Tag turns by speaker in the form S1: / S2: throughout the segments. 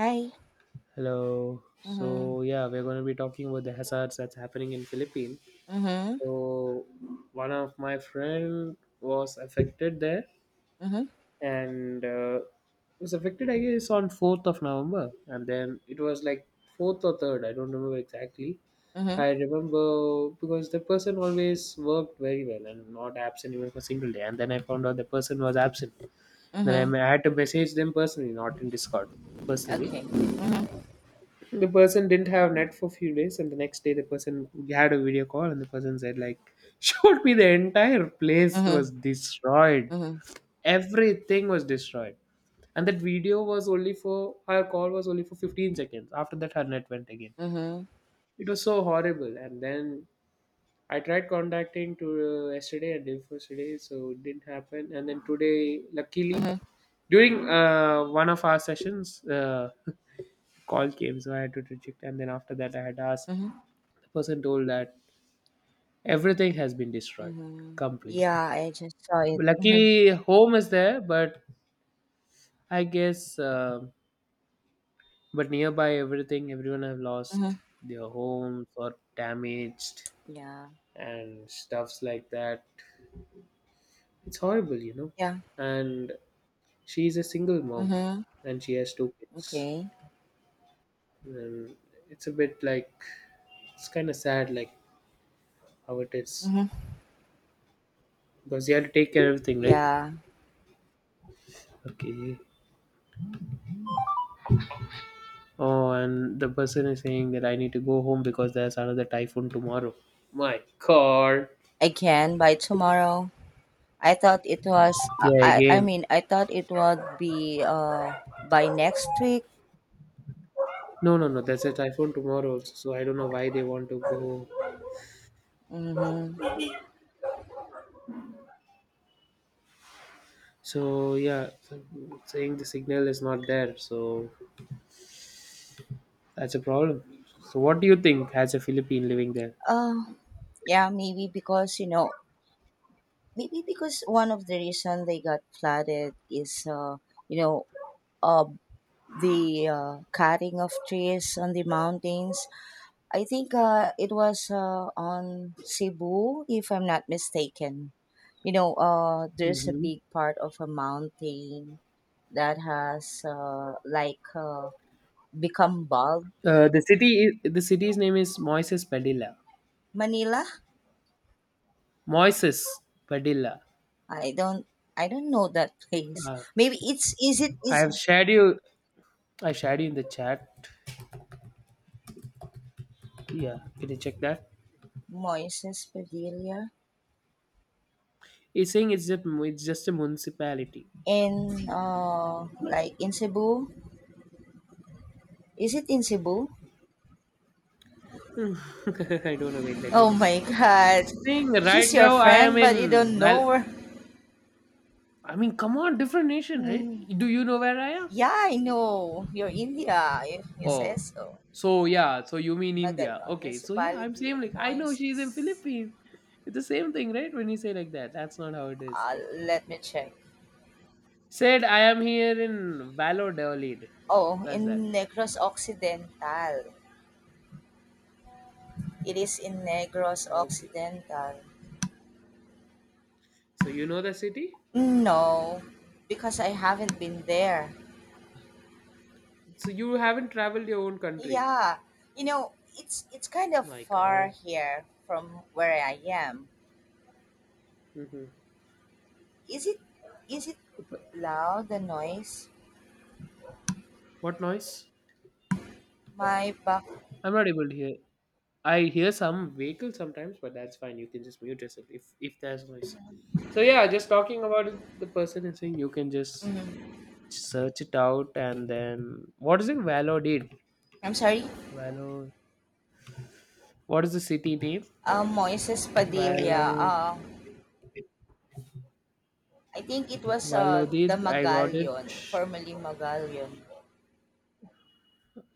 S1: Hi.
S2: Hello.
S1: Mhm.
S2: So yeah, we're going to be talking about the hazards that's happening in Philippines.
S1: Mhm.
S2: So one of my friend was affected there,
S1: Mhm.
S2: and was affected I guess on 4th of November, and then it was like fourth or third. I don't remember exactly.
S1: Mhm.
S2: I remember because the person always worked very well and not absent even for a single day. And then I found out the person was absent. Then
S1: Mhm.
S2: I had to message them personally, not in Discord, personally
S1: Okay. Mhm.
S2: the person didn't have net for a few days, and the next day the person had a video call, and the person said like showed me the entire place was
S1: Mhm.
S2: destroyed,
S1: Mhm.
S2: everything was destroyed, and that video was only for her call was only for 15 seconds. After that her net went again.
S1: Mhm.
S2: It was so horrible. And then I tried contacting to yesterday and day before yesterday, so it didn't happen. And then today, luckily,
S1: Mhm.
S2: during one of our sessions, call came, so I had to reject. And then after that I had asked,
S1: Mhm.
S2: the person told that everything has been destroyed
S1: Mhm.
S2: completely.
S1: Yeah, I just saw it. Mhm.
S2: Luckily, home is there, but I guess, but nearby everything, everyone have
S1: Mhm.
S2: lost their homes or damaged
S1: Yeah.
S2: and stuffs like that. It's horrible, you know.
S1: Yeah.
S2: And she's a single mom,
S1: Mhm.
S2: and she has two kids.
S1: Okay.
S2: And it's a bit like it's kind of sad, like how it is,
S1: Mhm.
S2: because you have to take care of everything, right?
S1: Yeah.
S2: Okay. Oh, and the person is saying that I need to go home because there's another typhoon tomorrow. My God.
S1: I can by tomorrow. I thought it was,
S2: Yeah,
S1: I
S2: again.
S1: mean, I thought it would be, by next week.
S2: No, no, no. There's a typhoon tomorrow also, so I don't know why they want to go.
S1: Mhm.
S2: So yeah, so saying the signal is not there, so that's a problem. So what do you think as a Philippine living there?
S1: Uh, yeah, maybe because maybe because one of the reason they got flooded is you know uh the cutting of trees on the mountains. I think it was, on Cebu, if I'm not mistaken. There's a
S2: Hmm.
S1: big part of a mountain that has like, become bald.
S2: The city, the city's name is Moises Padilla.
S1: Manila.
S2: Moises Padilla.
S1: I don't i don't know that place.
S2: Uh,
S1: Maybe it's, is it
S2: I
S1: is
S2: have
S1: it
S2: shared you. I shared you in the chat. Yeah, can you check that?
S1: Moises Padilla?
S2: He's saying it's just a municipality.
S1: In Like in Cebu? Is it in Cebu?
S2: I don't know. Wait, let me
S1: Oh
S2: just see.
S1: my god.
S2: She's saying right
S1: She's your
S2: now I am
S1: friend but you
S2: in
S1: don't
S2: Val.
S1: know her.
S2: I mean, come on, different nation, right?
S1: Mm,
S2: Do you know where I am?
S1: yeah, I know. You're India. You say
S2: Oh,
S1: so.
S2: so yeah. So you mean India?
S1: Magalon,
S2: Okay. So yeah, I'm
S1: Municipality
S2: saying
S1: of
S2: like I know she's in
S1: Moises.
S2: Philippines. It's the same thing, right? When you say like that, that's not how it is.
S1: Uh, Let me check.
S2: Said I am here in Valladolid.
S1: Oh,
S2: Where's that?
S1: in Negros Occidental. It is in Negros
S2: Okay.
S1: Occidental.
S2: So you know the city?
S1: No, because I haven't been there.
S2: So you haven't traveled your own country.
S1: Yeah, it's kind of
S2: My
S1: far
S2: God.
S1: here from where I am.
S2: Hmm.
S1: Is it is it loud, the noise?
S2: What noise?
S1: My back.
S2: I'm not able to hear. I hear some vehicle sometimes, but that's fine. You can just mute yourself if there's noise. So yeah, just talking about it, the person and saying you can just
S1: Mm,
S2: search it out. And then what is it? Valodid.
S1: I'm sorry.
S2: Valo. What is the city name?
S1: Moises Padilla.
S2: Valo.
S1: I think it was, the
S2: Valodid. I got it.
S1: Magallion, formerly Magallion.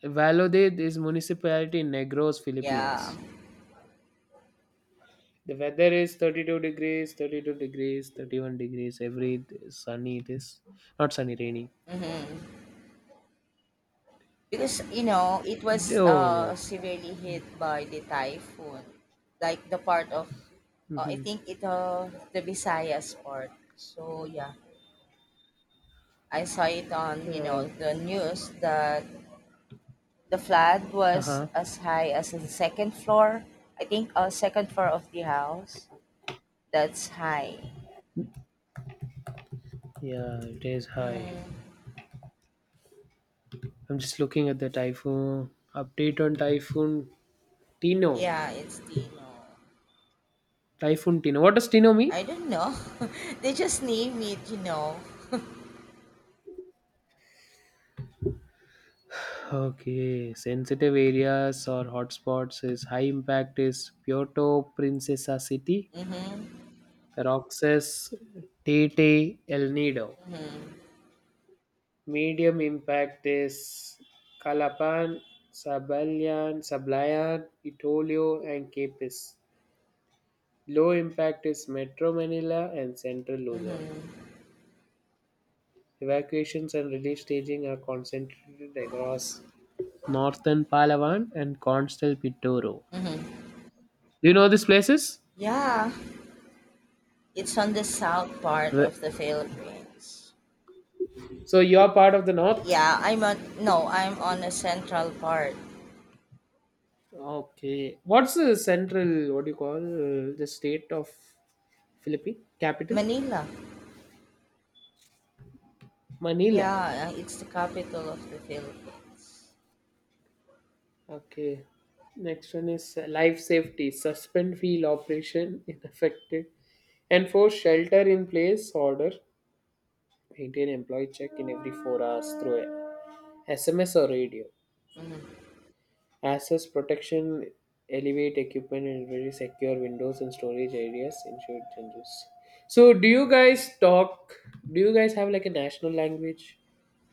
S2: Valodid is municipality in Negros,
S1: Yeah.
S2: Philippines. The weather is 32 degrees, 32 degrees, 31 degrees. Every day sunny it is. Not sunny, rainy.
S1: Mm-hmm. Because it was,
S2: Oh, right.
S1: severely hit by the typhoon, like the part of, I
S2: Mm-hmm.
S1: think it, the Visayas part. So yeah. I saw it on,
S2: Yeah.
S1: the news that the flood was
S2: Uh-huh.
S1: as high as the second floor. I think, second floor of the house. That's high.
S2: Yeah, it is high.
S1: Mm,
S2: I'm just looking at the typhoon update on Typhoon Tino.
S1: yeah, it's the,
S2: Typhoon Tino. What does Tino mean?
S1: I don't know. They just name it.
S2: Okay, sensitive areas or hotspots is high impact is Puerto Princesa City,
S1: Mm-hmm.
S2: Roxas, Tete, El Nido.
S1: Mm-hmm.
S2: Medium impact is Calapan, Sablayan, Sablayan, Itolio, and Capes. Low impact is Metro Manila and Central Luzon.
S1: Mm-hmm.
S2: Evacuations and relief staging are concentrated across northern Palawan and Constel Pitoro.
S1: Mm-hmm.
S2: Do you know these places?
S1: Yeah, it's on the south part
S2: Re-
S1: of the Philippines.
S2: So you're part of the north?
S1: Yeah, no, I'm on the central part.
S2: Okay. What's the central, what do you call, the state of Philippines? Capital?
S1: Manila.
S2: Manila.
S1: Yeah, it's the capital of the Philippines.
S2: Okay. Next one is life safety. Suspend field operation in affected. Enforce shelter in place order. Maintain employee check in every 4 hours through SMS or radio.
S1: Mhm.
S2: Access protection, elevate equipment and very secure windows and storage areas, ensure changes. So, do you guys talk? Do you guys have like a national language?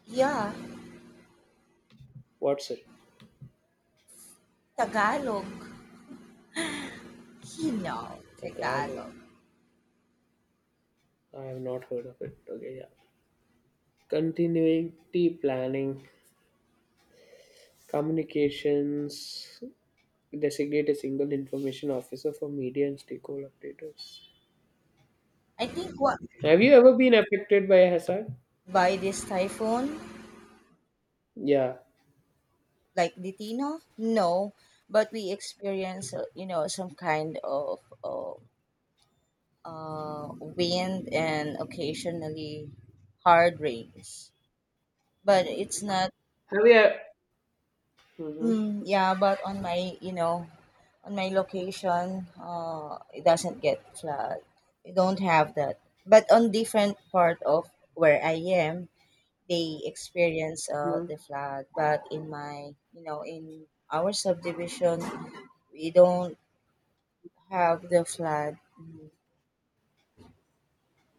S1: Yeah,
S2: What's it?
S1: Tagalog. Hino,
S2: Tagalog.
S1: Tagalog.
S2: I have not heard of it. Okay, yeah. Continuity planning, communications, designate a single information officer for media and stakeholder updaters.
S1: I think what.
S2: Have you ever been affected by a hazard?
S1: By this typhoon,
S2: Yeah.
S1: like Ditino? No, but we experience, some kind of, wind and occasionally hard rains. But it's not.
S2: Have you?
S1: Mm, yeah, but on my location, it doesn't get flood. We don't have that. But on different part of where I am, they experience,
S2: Hmm.
S1: the flood. But in my, you know, in our subdivision, we don't have the flood. Mm,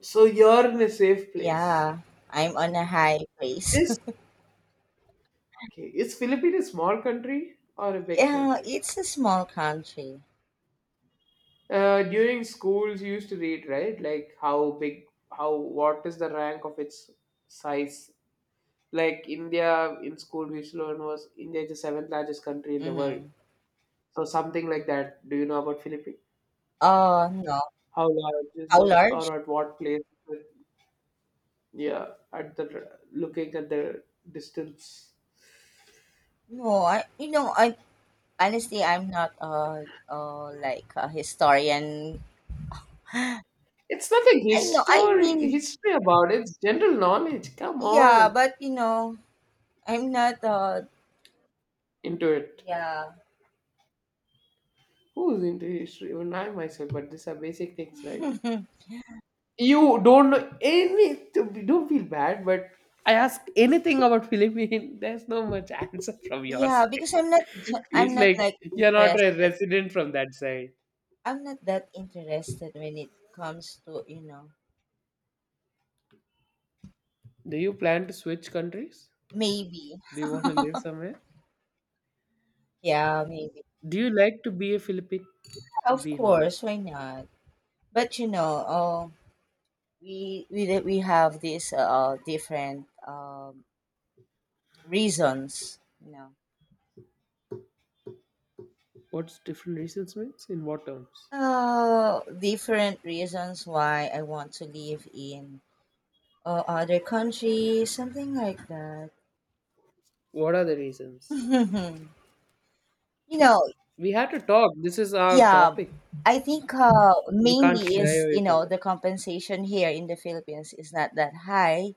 S2: So you're in a safe place.
S1: yeah, I'm on a high place.
S2: Is okay. Is Philippines a small country or a big
S1: Yeah,
S2: country?
S1: it's a small country.
S2: During schools, you used to read right, like how big, how what is the rank of its size? Like India in school, we used to learn was India is the seventh largest country in the world.
S1: Mm-hmm.
S2: So something like that. Do you know about Philippines?
S1: No.
S2: How large is
S1: How
S2: it,
S1: large?
S2: or at what place? Is it? Yeah, at the looking at the distance.
S1: No, I, you know, I honestly, I'm not like a historian.
S2: It's nothing
S1: I know. I
S2: history
S1: mean,
S2: history about it. It's general knowledge. Come
S1: yeah,
S2: on
S1: but I'm not.
S2: into it.
S1: Yeah.
S2: Who's into history? Even I myself, but these are basic things, right? You don't know any don't feel bad, but I ask anything about Philippines, there's no much answer from your
S1: Yeah,
S2: side.
S1: because I'm not. ju- I'm
S2: It's
S1: not
S2: like
S1: like
S2: you're not a
S1: interested.
S2: resident from that side.
S1: I'm not that interested when it comes to.
S2: Do you plan to switch countries?
S1: Maybe,
S2: Do you want to live somewhere?
S1: yeah, maybe.
S2: Do you like to be a Philippine?
S1: Of
S2: Be
S1: course,
S2: honest.
S1: why not? But we have these different reasons.
S2: What's different reasons means? In what terms?
S1: Different reasons why I want to live in, other countries, something like that.
S2: What are the reasons?
S1: you know,
S2: We had to talk. This is our
S1: yeah,
S2: topic.
S1: I think,
S2: We can't
S1: mainly
S2: shy
S1: is,
S2: away from it.
S1: the compensation here in the Philippines is not that high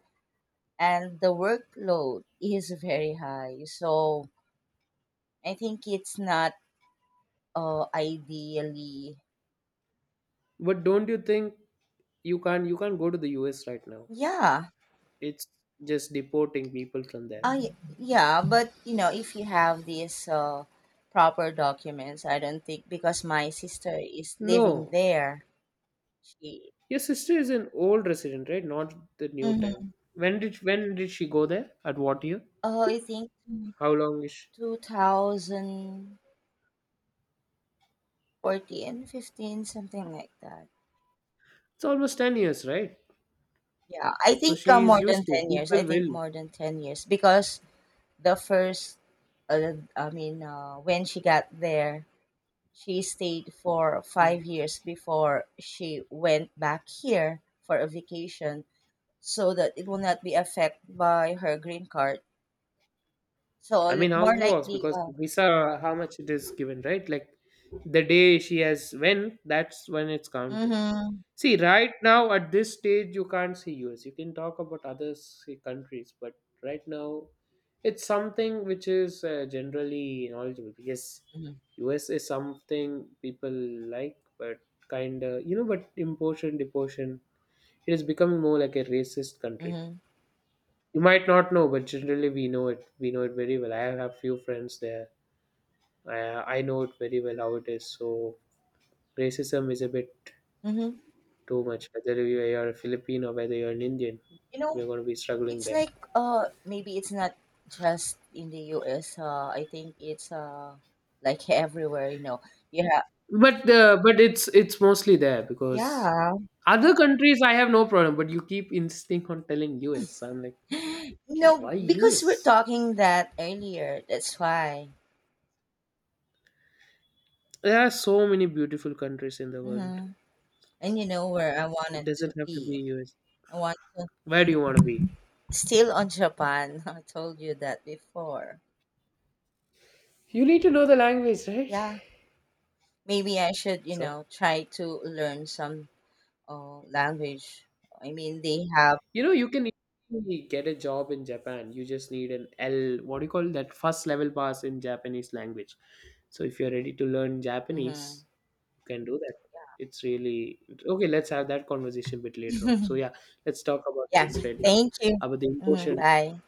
S1: and the workload is very high. So I think it's not, ideally.
S2: But don't you think you can't go to the US right now?
S1: Yeah.
S2: It's just deporting people from there.
S1: Yeah, but if you have these, proper documents, I don't think, because my sister is living
S2: No.
S1: there. She.
S2: Your sister is an old resident, right? Not the new time.
S1: Mm-hmm.
S2: When did she go there? At what year?
S1: Oh, I think
S2: How long is she?
S1: 2014, 15, something like that.
S2: It's almost 10 years, right?
S1: Yeah, I
S2: So
S1: think,
S2: she is
S1: more
S2: used
S1: than
S2: to it.
S1: 10 years. I
S2: People
S1: think
S2: will.
S1: more than 10 years because the first, I mean, when she got there, she stayed for
S2: Hmm.
S1: 5 years before she went back here for a vacation. So that it will not be affected by her green card.
S2: I mean, how
S1: More
S2: it works
S1: likely,
S2: because visa, how much it is given, right? Like the day she has when, that's when it's counted.
S1: mm-hmm,
S2: See, right now at this stage, you can't see US. You can talk about other say, countries, but right now, it's something which is generally knowledgeable. Yes,
S1: mm-hmm,
S2: US is something people like, but kind of you know, but importation, deportation, it is becoming more like a racist country.
S1: mm-hmm,
S2: You might not know, but generally we know it. We know it very well. I have few friends there, I know it very well how it is. So racism is a bit
S1: mm-hmm.
S2: too much. Whether you are a Filipino, whether you're an Indian,
S1: you
S2: we're
S1: know,
S2: going to be struggling
S1: it's
S2: there.
S1: like, maybe it's not just in the U.S. I think it's, like everywhere. You know, you have.
S2: But it's mostly there because
S1: Yeah.
S2: other countries I have no problem. But you keep insisting on telling US. I'm like, okay,
S1: No,
S2: why
S1: because we're
S2: US?
S1: talking that earlier. That's why.
S2: There are so many beautiful countries in the world.
S1: Mm-hmm. And you know where I
S2: It
S1: wanted to
S2: doesn't have to be
S1: be.
S2: US.
S1: I want to
S2: Where do you want to be?
S1: still on Japan. I told you that before.
S2: You need to know the language, right?
S1: Yeah. Maybe I should,
S2: So
S1: try to learn some, language. I mean, they have.
S2: you know, you can easily get a job in Japan. You just need an L, what do you call that? First level pass in Japanese language. So if you're ready to learn Japanese,
S1: Hmm.
S2: you can do that. It's really okay. Let's have that conversation a bit later on. So yeah, let's talk about
S1: Yeah.
S2: this right now
S1: Thank you.
S2: about the
S1: Hmm.
S2: imposition.
S1: Bye.